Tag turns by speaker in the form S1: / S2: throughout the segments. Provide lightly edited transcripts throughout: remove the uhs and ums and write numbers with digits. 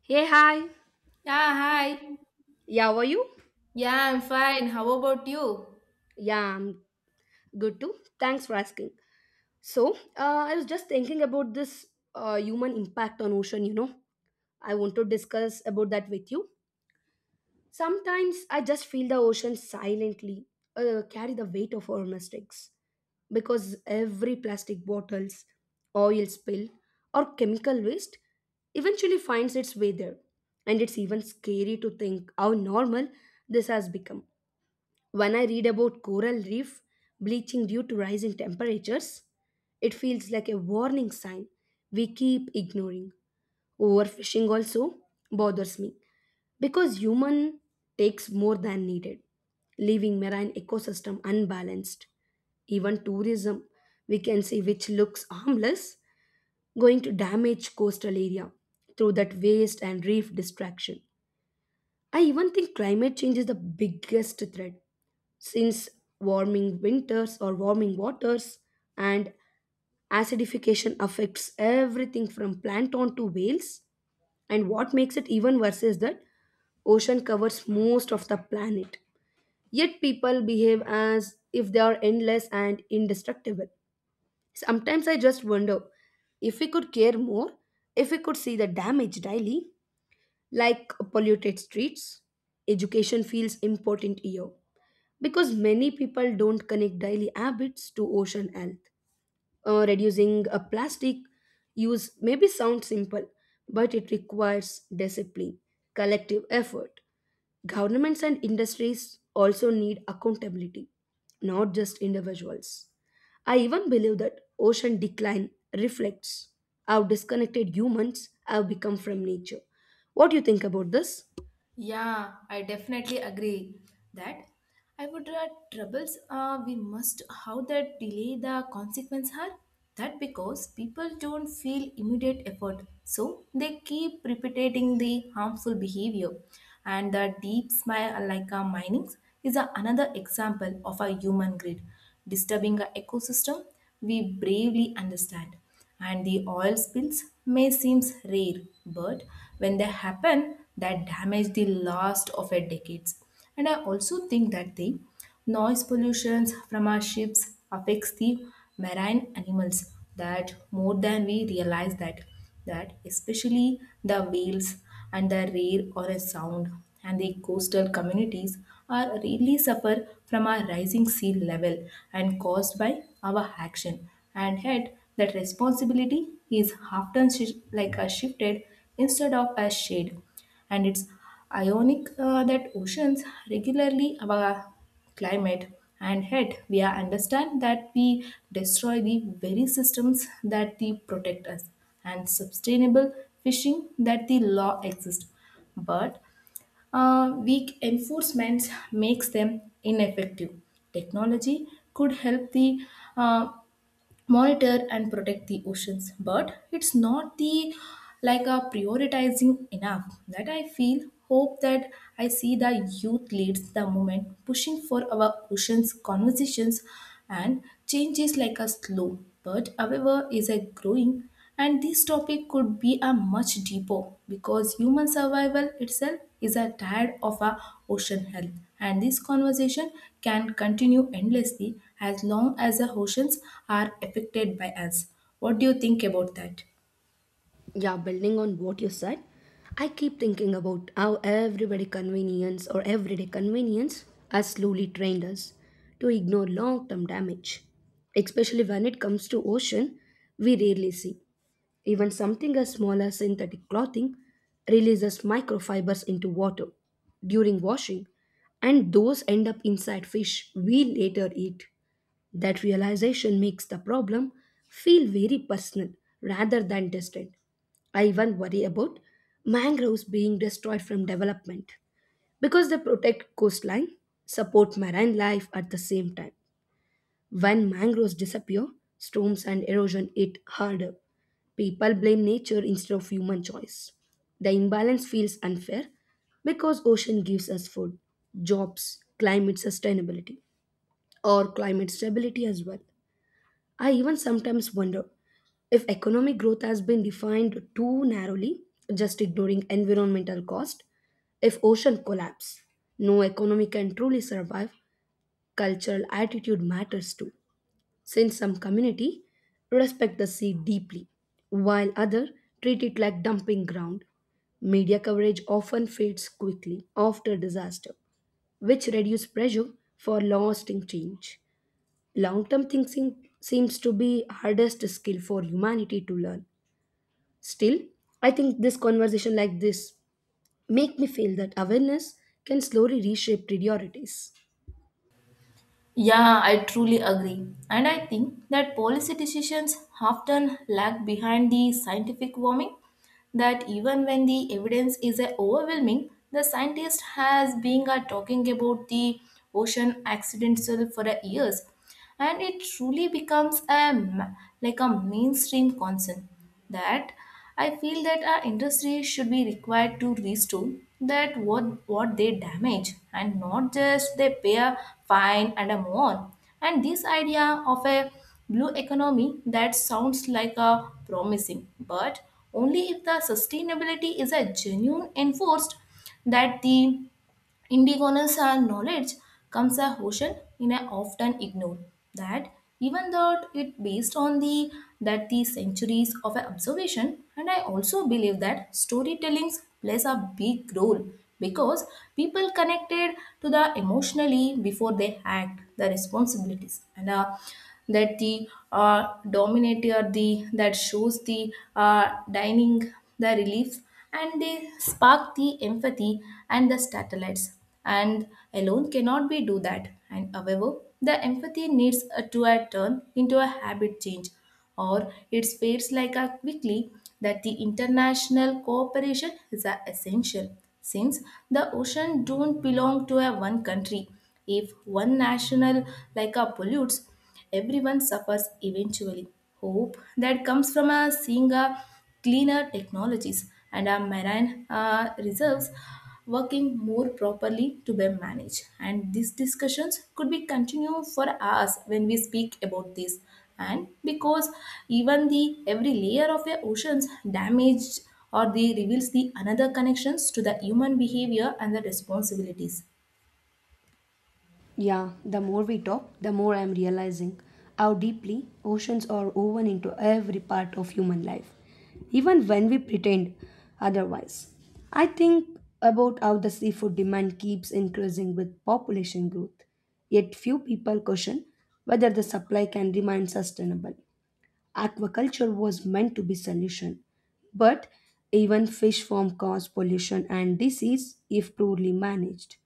S1: Hey, hi.
S2: Yeah, hi.
S1: Yeah, how are you?
S2: Yeah, I'm fine. How about you?
S1: Yeah, I'm good too. Thanks for asking. So, I was just thinking about this human impact on ocean. I want to discuss about that with you. Sometimes I just feel the ocean silently carry the weight of our mistakes because every plastic bottles, oil spill, or chemical waste eventually finds its way there. And it's even scary to think how normal this has become. When I read about coral reef bleaching due to rising temperatures, it feels like a warning sign we keep ignoring. Overfishing also bothers me because human takes more than needed, leaving marine ecosystem unbalanced. Even tourism, we can say, which looks harmless, going to damage coastal area through that waste and reef destruction. I even think climate change is the biggest threat since warming winters or warming waters and acidification affects everything from plankton to whales. And what makes it even worse is that ocean covers most of the planet, yet people behave as if they are endless and indestructible. Sometimes I just wonder if we could care more, if we could see the damage daily, like polluted streets. Education feels important here because many people don't connect daily habits to ocean health. Reducing a plastic use maybe sounds simple, but it requires discipline, collective effort. Governments and industries also need accountability, not just individuals. I even believe that ocean decline reflects how disconnected humans have become from nature. What do you think about this?
S2: Yeah, I definitely agree that I would troubles we must how that delay the consequence are that because people don't feel immediate effort so they keep repeating the harmful behavior. And the deep smile like a mining is a, another example of a human greed disturbing a ecosystem we bravely understand. And the oil spills may seem rare, but when they happen, that damage the last of a decades. And I also think that the noise pollution from our ships affects the marine animals that more than we realize that, that especially the whales and the rare or a sound, and the coastal communities are really suffer from our rising sea level and caused by our action, and yet that responsibility is often like a shifted instead of a shade. And it's ironic that oceans regularly our climate, and yet we are understand that we destroy the very systems that they protect us. And sustainable fishing that the law exists, but weak enforcement makes them ineffective. Technology could help the uh, monitor and protect the oceans, but it's not the like a prioritizing enough that I feel hope that I see the youth leads the movement pushing for our oceans conversations, and change is like a slow but however is a growing. And this topic could be a much deeper because human survival itself is a tired of our ocean health, and this conversation can continue endlessly as long as the oceans are affected by us. What do you think about that?
S1: Yeah, building on what you said, I keep thinking about how everybody convenience or everyday convenience has slowly trained us to ignore long term damage. Especially when it comes to ocean, we rarely see. Even something as small as synthetic clothing releases microfibers into water during washing, and those end up inside fish we later eat. That realization makes the problem feel very personal rather than distant. I even worry about mangroves being destroyed from development because they protect coastline, support marine life at the same time. When mangroves disappear, storms and erosion hit harder. People blame nature instead of human choice. The imbalance feels unfair because ocean gives us food, jobs, climate sustainability, or climate stability as well. I even sometimes wonder if economic growth has been defined too narrowly, just ignoring environmental cost, if ocean collapse, no economy can truly survive. Cultural attitude matters too, since some community respect the sea deeply while others treat it like dumping ground. Media coverage often fades quickly after disaster, which reduce pressure for lasting change. Long term thinking seems to be hardest skill for humanity to learn. Still, I think this conversation like this make me feel that awareness can slowly reshape priorities.
S2: Yeah, I truly agree. And I think that policy decisions often lag behind the scientific warming, that even when the evidence is overwhelming, the scientist has been talking about the ocean accidents for years. And it truly becomes a, like a mainstream concern that I feel that our industry should be required to restore that what they damage and not just they pay a fine and a move on. And this idea of a blue economy that sounds like a promising, but only if the sustainability is a genuine enforced, that the Indigenous and knowledge comes a ocean in a often ignored, that even though it based on the that the centuries of a observation. And I also believe that storytelling plays a big role because people connected to the emotionally before they act the responsibilities, and that the dominator the that shows the dining the relief, and they spark the empathy. And the satellites and alone cannot be do that, and however the empathy needs a to a turn into a habit change or it fades like a quickly. That the international cooperation is a essential since the ocean don't belong to a one country. If one national like a pollutes, everyone suffers eventually. Hope that comes from a seeing a cleaner technologies and our marine reserves working more properly to be managed. And these discussions could be continued for hours when we speak about this. And because even the every layer of the oceans damaged or they reveals the another connections to the human behavior and the responsibilities.
S1: Yeah, the more we talk, the more I'm realizing how deeply oceans are woven into every part of human life, even when we pretend otherwise. I think about how the seafood demand keeps increasing with population growth, yet few people question whether the supply can remain sustainable. Aquaculture was meant to be solution, but even fish farm cause pollution and disease if poorly managed.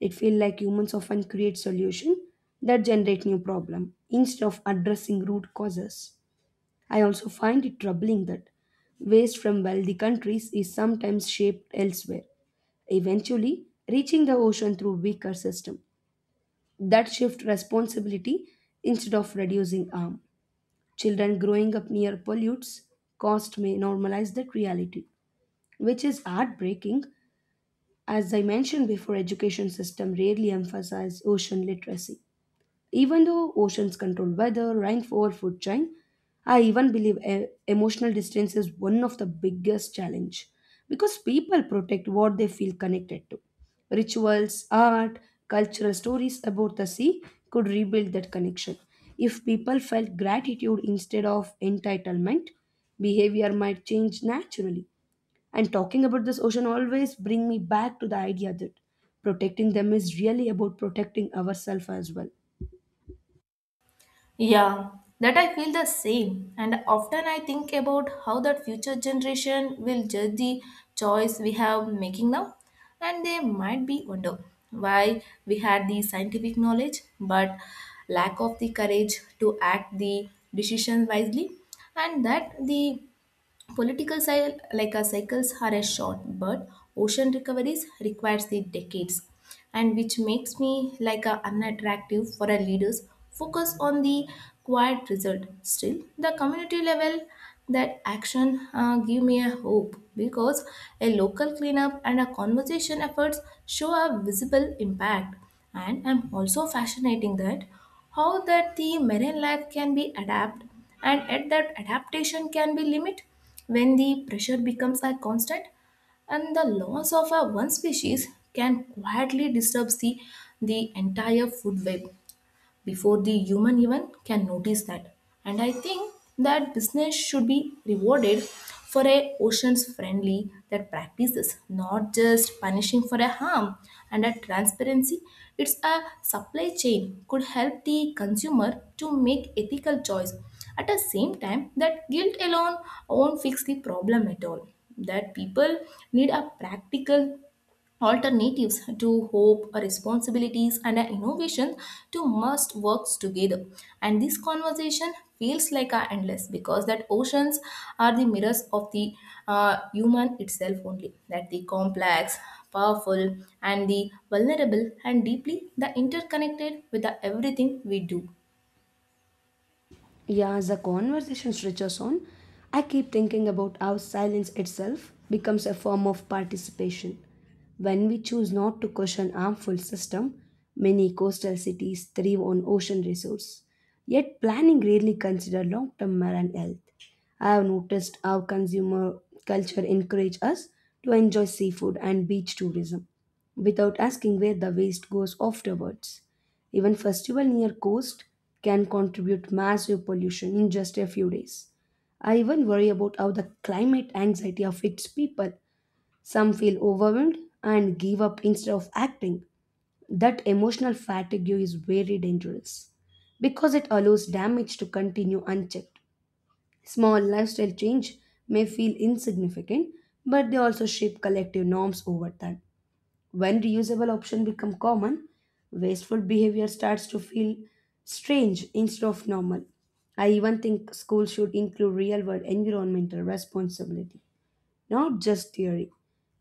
S1: It feels like humans often create solutions that generate new problem instead of addressing root causes. I also find it troubling that waste from wealthy countries is sometimes shaped elsewhere, eventually reaching the ocean through weaker system that shift responsibility instead of reducing harm. Children growing up near pollutes cost may normalize that reality, which is heartbreaking. As I mentioned before, education system rarely emphasize ocean literacy. Even though oceans control weather, rainfall, food chain, I even believe emotional distance is one of the biggest challenge because people protect what they feel connected to. Rituals, art, cultural stories about the sea could rebuild that connection. If people felt gratitude instead of entitlement, behavior might change naturally. And talking about this ocean always bring me back to the idea that protecting them is really about protecting ourselves as well.
S2: Yeah, that I feel the same. And often I think about how that future generation will judge the choice we have making now. And they might be wonder why we had the scientific knowledge but lack of the courage to act the decision wisely. And that the political like cycles are a short, but ocean recoveries requires the decades, and which makes me like unattractive for our leaders. Focus on the quiet result. Still, the community level that action give me a hope because a local cleanup and a conversation efforts show a visible impact. And I'm also fascinating that how that the marine life can be adapt, and at that adaptation can be limit when the pressure becomes a constant, and the loss of a one species can quietly disturb the entire food web before the human even can notice that. And I think that business should be rewarded for a oceans friendly that practices, not just punishing for a harm. And a transparency, it's a supply chain could help the consumer to make ethical choice. At the same time, that guilt alone won't fix the problem at all. That people need a practical alternatives to hope responsibilities and innovation to must works together. And this conversation feels like a endless because that oceans are the mirrors of the human itself, only that the complex, powerful, and the vulnerable and deeply the interconnected with the everything we do.
S1: Yeah, as the conversation stretches on, I keep thinking about how silence itself becomes a form of participation. When we choose not to question harmful system, many coastal cities thrive on ocean resource. Yet planning rarely consider long-term marine health. I have noticed how consumer culture encourage us to enjoy seafood and beach tourism without asking where the waste goes afterwards. Even festival near coast can contribute massive pollution in just a few days. I even worry about how the climate anxiety affects people. Some feel overwhelmed and give up instead of acting. That emotional fatigue is very dangerous because it allows damage to continue unchecked. Small lifestyle change may feel insignificant, but they also shape collective norms over time. When reusable options become common, wasteful behavior starts to feel strange instead of normal. I even think schools should include real world environmental responsibility, not just theory.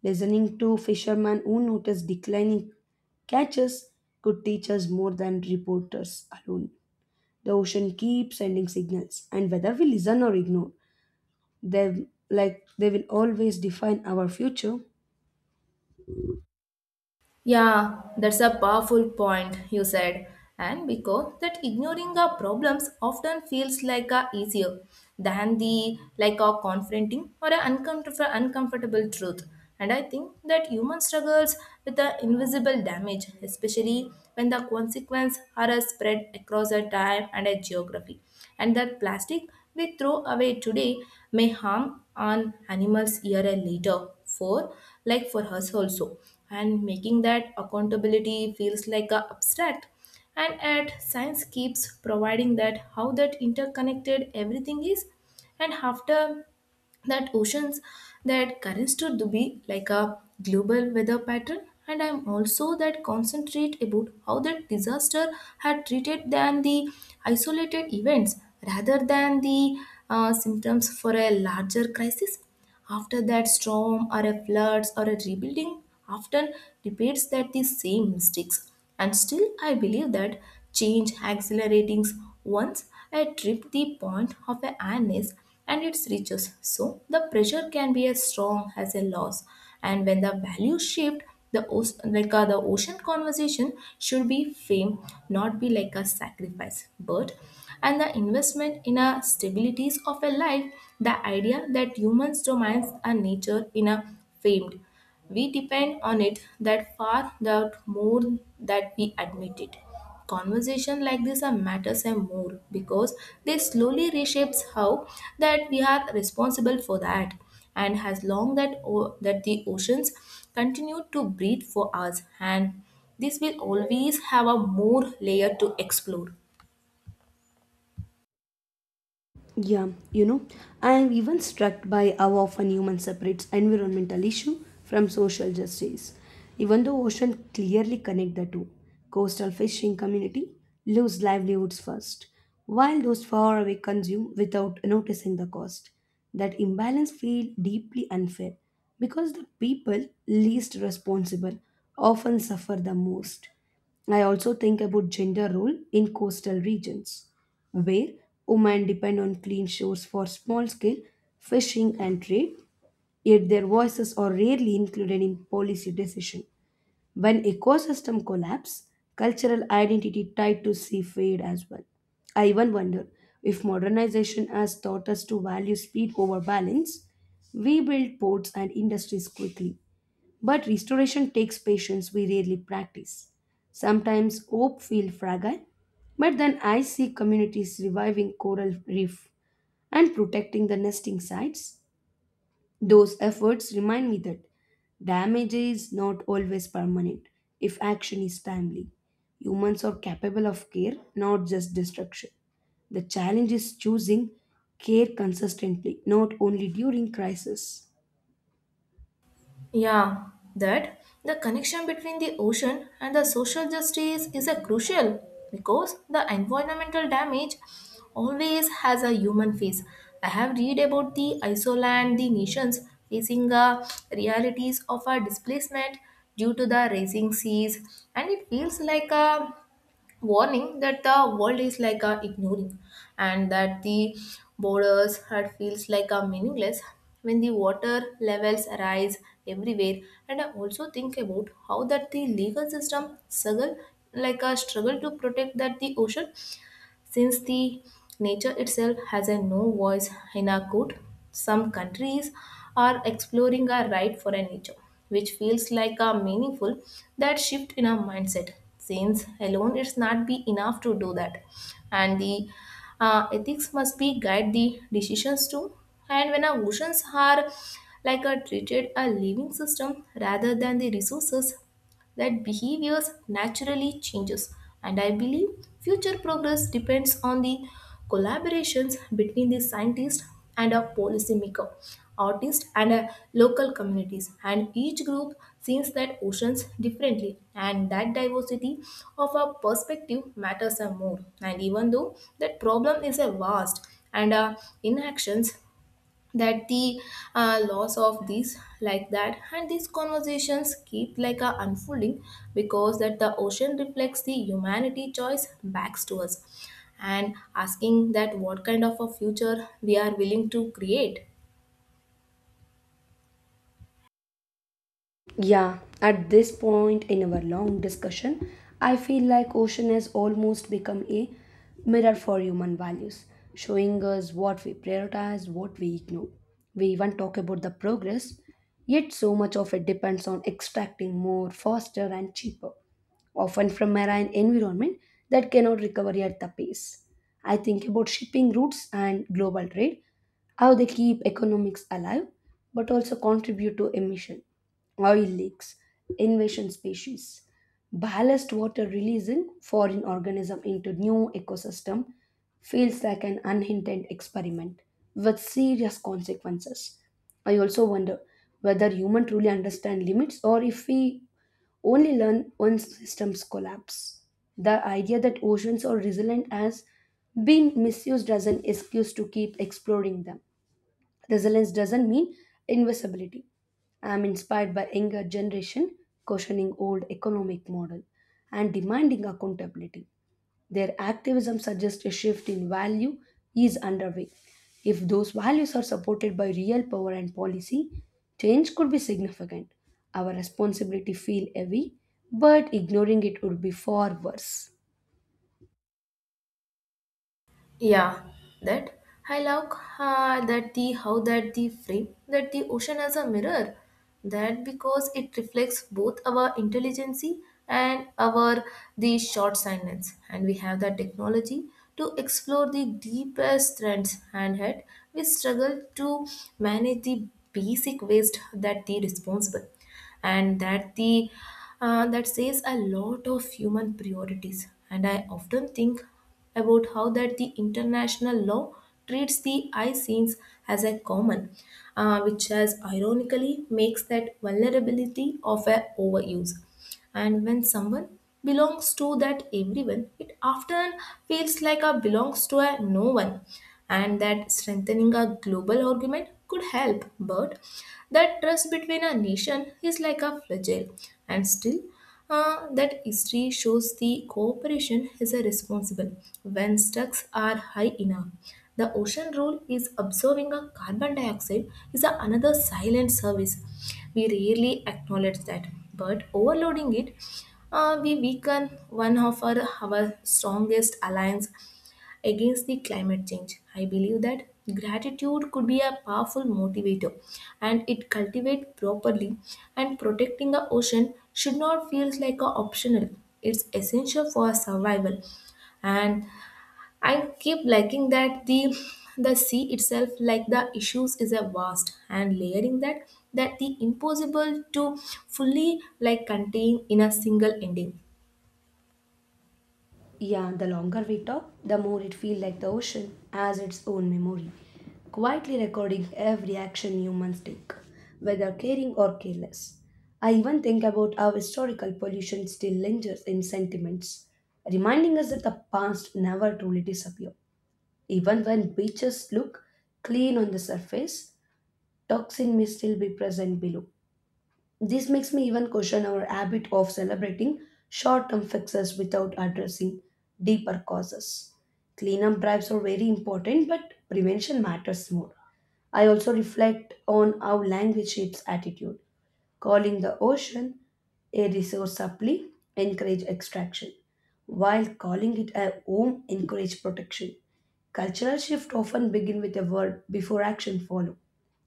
S1: Listening to fishermen who notice declining catches could teach us more than reporters alone. The ocean keeps sending signals, and whether we listen or ignore them, like they will always define our future.
S2: Yeah, that's a powerful point you said. And because that ignoring our problems often feels like a easier than the like a confronting or an uncomfortable truth. And I think that human struggles with the invisible damage, especially when the consequences are a spread across a time and a geography. And that plastic we throw away today may harm on animals year and later for like for us also, and making that accountability feels like a abstract. And at science keeps providing that how that interconnected everything is, and after that oceans that currents to be like a global weather pattern. And I'm also that concentrate about how that disaster had treated than the isolated events rather than the symptoms for a larger crisis. After that storm or a floods or a rebuilding often repeats that the same mistakes. And still I believe that change accelerates once I trip the point of a awareness and its reaches. So the pressure can be as strong as a loss. And when the value shift, the like the ocean conversation should be fame, not be like a sacrifice. But and the investment in a stabilities of a life, the idea that humans dominate a nature in a famed, we depend on it that far that more that we admit it. Conversation like this are matters and more because they slowly reshapes how that we are responsible for that, and as long that that the oceans continue to breathe for us, and this will always have a more layer to explore.
S1: Yeah, I am even struck by how often human separates environmental issue from social justice. Even though ocean clearly connect the two, coastal fishing community lose livelihoods first, while those far away consume without noticing the cost. That imbalance feel deeply unfair because the people least responsible often suffer the most. I also think about gender role in coastal regions where women depend on clean shores for small scale fishing and trade, yet their voices are rarely included in policy decision. When ecosystem collapse, cultural identity tied to sea fade as well. I even wonder if modernization has taught us to value speed over balance. We build ports and industries quickly, but restoration takes patience we rarely practice. Sometimes hope feels fragile, but then I see communities reviving coral reef and protecting the nesting sites. Those efforts remind me that damage is not always permanent if action is timely. Humans are capable of care, not just destruction. The challenge is choosing care consistently, not only during crisis.
S2: Yeah, that the connection between the ocean and the social justice is a crucial because the environmental damage always has a human face. I have read about the Iceland, the nations facing the realities of a displacement due to the rising seas, and it feels like a warning that the world is like a ignoring. And that the borders had feels like a meaningless when the water levels rise everywhere. And I also think about how that the legal system struggle like a struggle to protect that the ocean since the nature itself has a no voice in our code. Some countries are exploring our right for a nature, which feels like a meaningful that shift in our mindset. Since alone it's not be enough to do that, and the ethics must be guide the decisions too. And when our oceans are like a treated a living system rather than the resources, that behaviors naturally changes. And I believe future progress depends on the collaborations between the scientist and a policymaker, artist and local communities, and each group sees that oceans differently, and that diversity of a perspective matters a more. And even though that problem is a vast and inactions that the loss of this like that, and these conversations keep like a unfolding because that the ocean reflects the humanity choice backs to us and asking that what kind of a future we are willing to create.
S1: Yeah, at this point in our long discussion, I feel like ocean has almost become a mirror for human values, showing us what we prioritize, what we ignore. We even talk about the progress, yet so much of it depends on extracting more faster and cheaper, often from marine environment that cannot recover at the pace. I think about shipping routes and global trade, how they keep economics alive but also contribute to emission, oil leaks, invasion species. Ballast water releasing foreign organism into new ecosystem feels like an unintended experiment with serious consequences. I also wonder whether humans truly understand limits or if we only learn when systems collapse. The idea that oceans are resilient has been misused as an excuse to keep exploring them. Resilience doesn't mean invisibility. I am inspired by younger generation questioning old economic model and demanding accountability. Their activism suggests a shift in value is underway. If those values are supported by real power and policy, change could be significant. Our responsibility feel heavy, but ignoring it would be far worse.
S2: Yeah, that I love that the how that the frame that the ocean as a mirror that because it reflects both our intelligence and our the short sightedness. And we have the technology to explore the deepest trends, and head we struggle to manage the basic waste that the responsible, and that the that says a lot of human priorities. And I often think about how that the international law treats the eye scenes as a common, which has ironically makes that vulnerability of a overuse. And when someone belongs to that everyone, it often feels like a belongs to a no one, and that strengthening a global argument could help. But that trust between a nation is like a fragile, and still that history shows the cooperation is a responsible when stocks are high enough. The ocean rule is observing a carbon dioxide is a another silent service. We rarely acknowledge that, but overloading it, we weaken one of our strongest alliance against the climate change. I believe that gratitude could be a powerful motivator and it cultivate properly, and protecting the ocean should not feel like a optional. It's essential for our survival. And I keep liking that the sea itself, like, the issues is a vast and layering that the impossible to fully, like, contain in a single ending.
S1: Yeah, the longer we talk, the more it feels like the ocean has its own memory, quietly recording every action humans take, whether caring or careless. I even think about how historical pollution still lingers in sentiments, reminding us that the past never truly disappears. Even when beaches look clean on the surface, toxin may still be present below. This makes me even question our habit of celebrating short term fixes without addressing deeper causes. Cleanup drives are very important, but prevention matters more. I also reflect on how language shapes attitude, calling the ocean a resource supply encourage extraction, while calling it a home encourage protection. Cultural shift often begin with a word before action follow.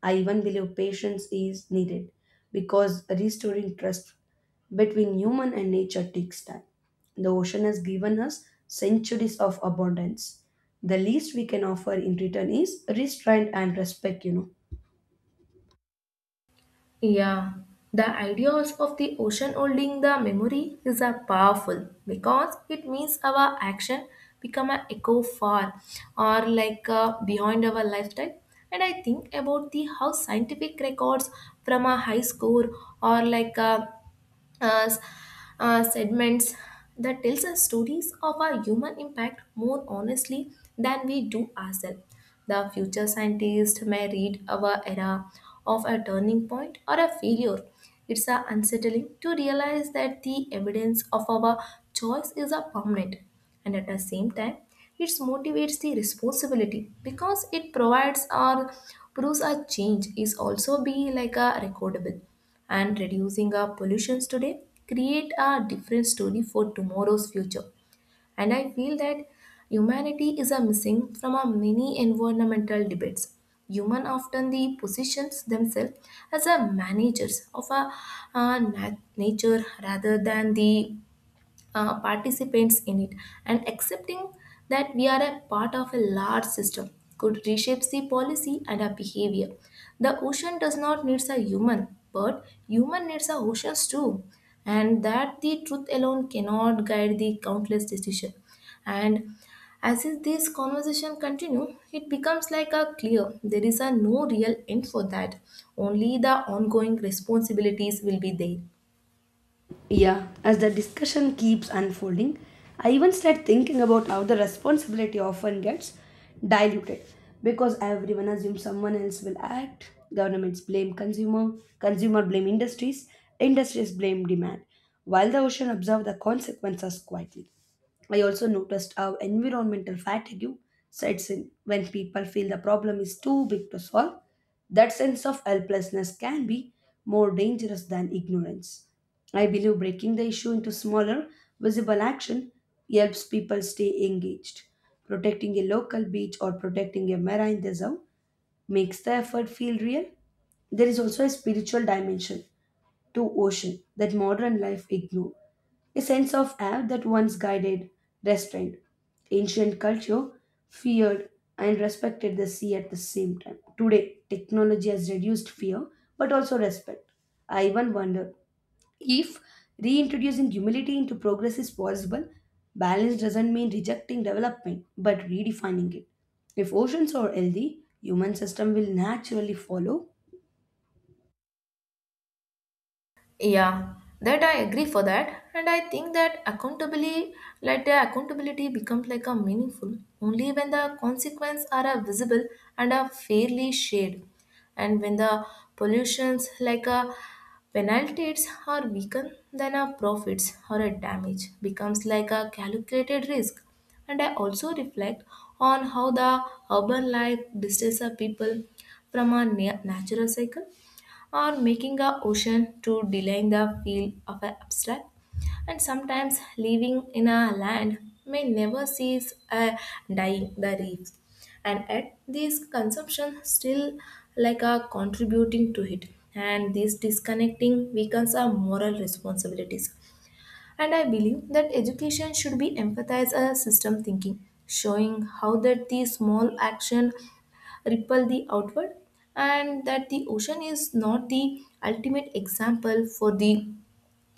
S1: I even believe patience is needed because restoring trust between human and nature takes time. The ocean has given us centuries of abundance. The least we can offer in return is restraint and respect.
S2: Yeah, the ideas of the ocean holding the memory is a powerful because it means our action become an echo far or behind our lifetime. And I think about the how scientific records from a high score or uh, s- segments that tells us stories of our human impact more honestly than we do ourselves. The future scientist may read our era of a turning point or a failure. It's a unsettling to realize that the evidence of our choice is a permanent, and at the same time, it motivates the responsibility because it provides or proves a change is also be like a recordable and reducing our pollutions today create a different story for tomorrow's future. And I feel that humanity is a missing from our many environmental debates. Human often the positions themselves as a managers of a, uh, nat- nature rather than the participants in it, and accepting that we are a part of a large system could reshape the policy and our behavior. The ocean does not need a human, but human needs a oceans too, and that the truth alone cannot guide the countless decisions. And as is this conversation continue, it becomes like a clear there is a no real end for that. Only the ongoing responsibilities will be there.
S1: Yeah, as the discussion keeps unfolding, I even start thinking about how the responsibility often gets diluted because everyone assumes someone else will act. Governments blame consumer, consumer blame industries, industries blame demand, while the ocean observe the consequences quietly. I also noticed how environmental fatigue sets in when people feel the problem is too big to solve. That sense of helplessness can be more dangerous than ignorance. I believe breaking the issue into smaller, visible action helps people stay engaged. Protecting a local beach or protecting a marine reserve makes the effort feel real. There is also a spiritual dimension to ocean that modern life ignored. A sense of awe that once guided restraint. Ancient culture feared and respected the sea at the same time. Today, technology has reduced fear but also respect. I even wonder if reintroducing humility into progress is possible. Balance doesn't mean rejecting development but redefining it. If oceans are healthy, human system will naturally follow.
S2: Yeah, that I agree for that, and I think that accountability, like the accountability, becomes like a meaningful only when the consequences are a visible and are fairly shared, and when the pollutions like a penalties are weakened, then our profits or a damage becomes like a calculated risk. And I also reflect on how the urban life distances our people from our natural cycle or making a ocean to deline the feel of an abstract. And sometimes living in a land may never cease a dying the reefs. And yet this consumption still like a contributing to it. And this disconnecting weakens our moral responsibilities. And I believe that education should be emphasized as system thinking, showing how that the small action ripple the outward and that the ocean is not the ultimate example for the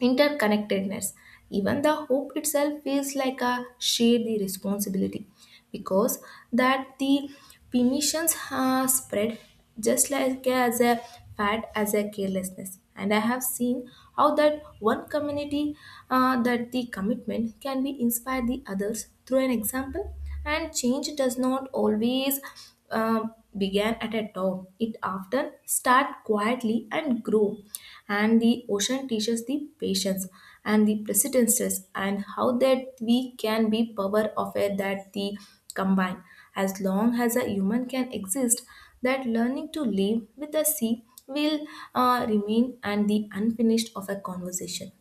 S2: interconnectedness. Even the hope itself feels like a share the responsibility because that the permissions are spread just like as a fad as a carelessness. And I have seen how that one community, that the commitment can be inspire the others through an example, and change does not always began at a top. It often starts quietly and grow. And the ocean teaches the patience and the persistences and how that we can be power of it that the combine. As long as a human can exist, that learning to live with the sea will remain and the unfinished of a conversation.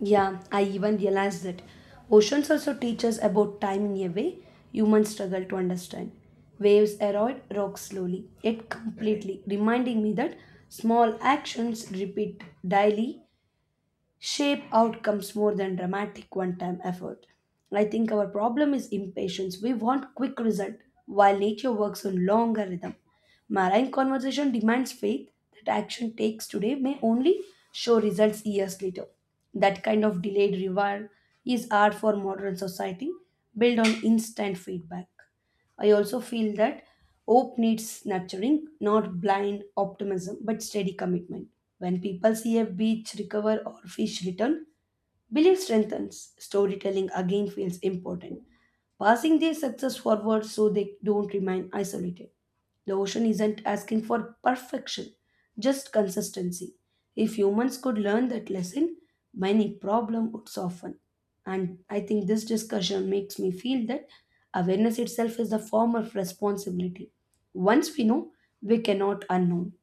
S1: Yeah, I even realized that oceans also teach us about time in a way humans struggle to understand. Waves erode rocks slowly, yet completely, reminding me that small actions repeat daily shape outcomes more than dramatic one time effort. I think our problem is impatience. We want quick result while nature works on longer rhythm. Marine conversation demands faith that action takes today may only show results years later. That kind of delayed reward is art for modern society built on instant feedback. I also feel that hope needs nurturing, not blind optimism, but steady commitment. When people see a beach recover or fish return, belief strengthens. Storytelling again feels important, passing their success forward so they don't remain isolated. The ocean isn't asking for perfection, just consistency. If humans could learn that lesson, many problem would soften. And I think this discussion makes me feel that awareness itself is the form of responsibility. Once we know, we cannot unknown.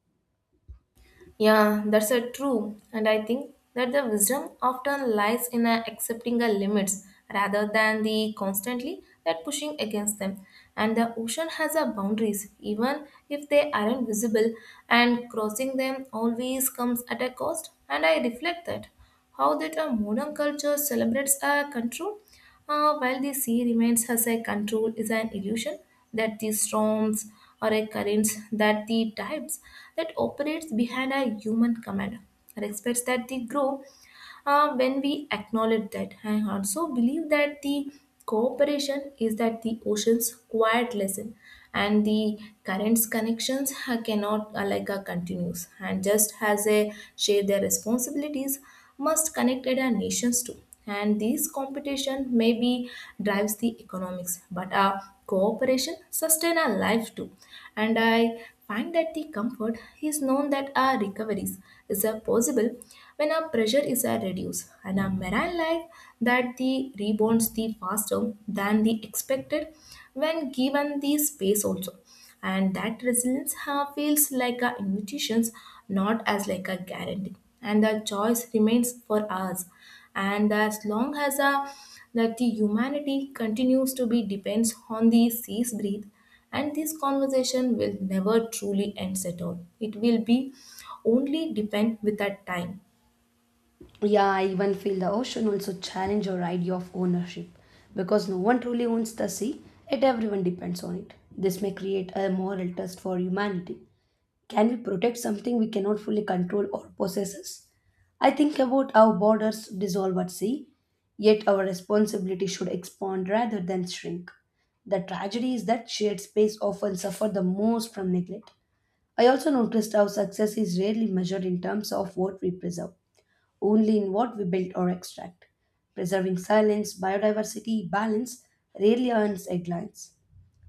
S2: Yeah, that's a true. And I think that the wisdom often lies in accepting the limits rather than the constantly that pushing against them. And the ocean has a boundaries, even if they aren't visible, and crossing them always comes at a cost. And I reflect that how that a modern culture celebrates a control, while the sea remains as a control is an illusion, that the storms or a currents that the types that operates behind a human command, are expects that they grow when we acknowledge that. I also believe that the cooperation is that the ocean's quiet lesson, and the currents connections cannot continues, and just as they share their responsibilities must connect at our nations too. And this competition maybe drives the economics, but our cooperation sustain our life too. And I find that the comfort is known that our recoveries is a possible when our pressure is a reduced, and our marine life that the rebounds the faster than the expected when given the space also. And that resilience feels like a invitations, not as like a guarantee, and the choice remains for us. And as long as that the humanity continues to be depends on the seas breathe, and this conversation will never truly end at all. It will be only depend with that time.
S1: Yeah, I even feel the ocean also challenge our idea of ownership because no one truly owns the sea, yet everyone depends on it. This may create a moral test for humanity. Can we protect something we cannot fully control or possess? Us? I think about how borders dissolve at sea, yet our responsibility should expand rather than shrink. The tragedy is that shared space often suffer the most from neglect. I also noticed how success is rarely measured in terms of what we preserve only in what we build or extract. Preserving silence, biodiversity, balance rarely earns headlines.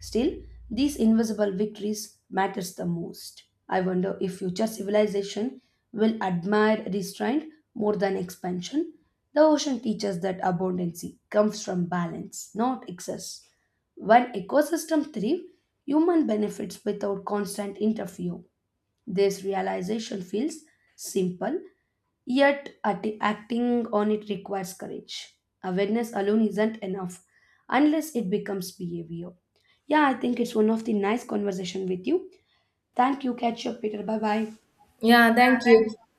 S1: Still, these invisible victories matters the most. I wonder if future civilization will admire restraint more than expansion. The ocean teaches that abundance comes from balance, not excess. When ecosystems thrive, human benefits without constant interfere. This realization feels simple. Yet acting on it requires courage. Awareness alone isn't enough unless it becomes behavior. Yeah, I think it's one of the nice conversation with you. Thank you. Catch you up later. Bye bye.
S2: Yeah, thank
S1: Thank
S2: you.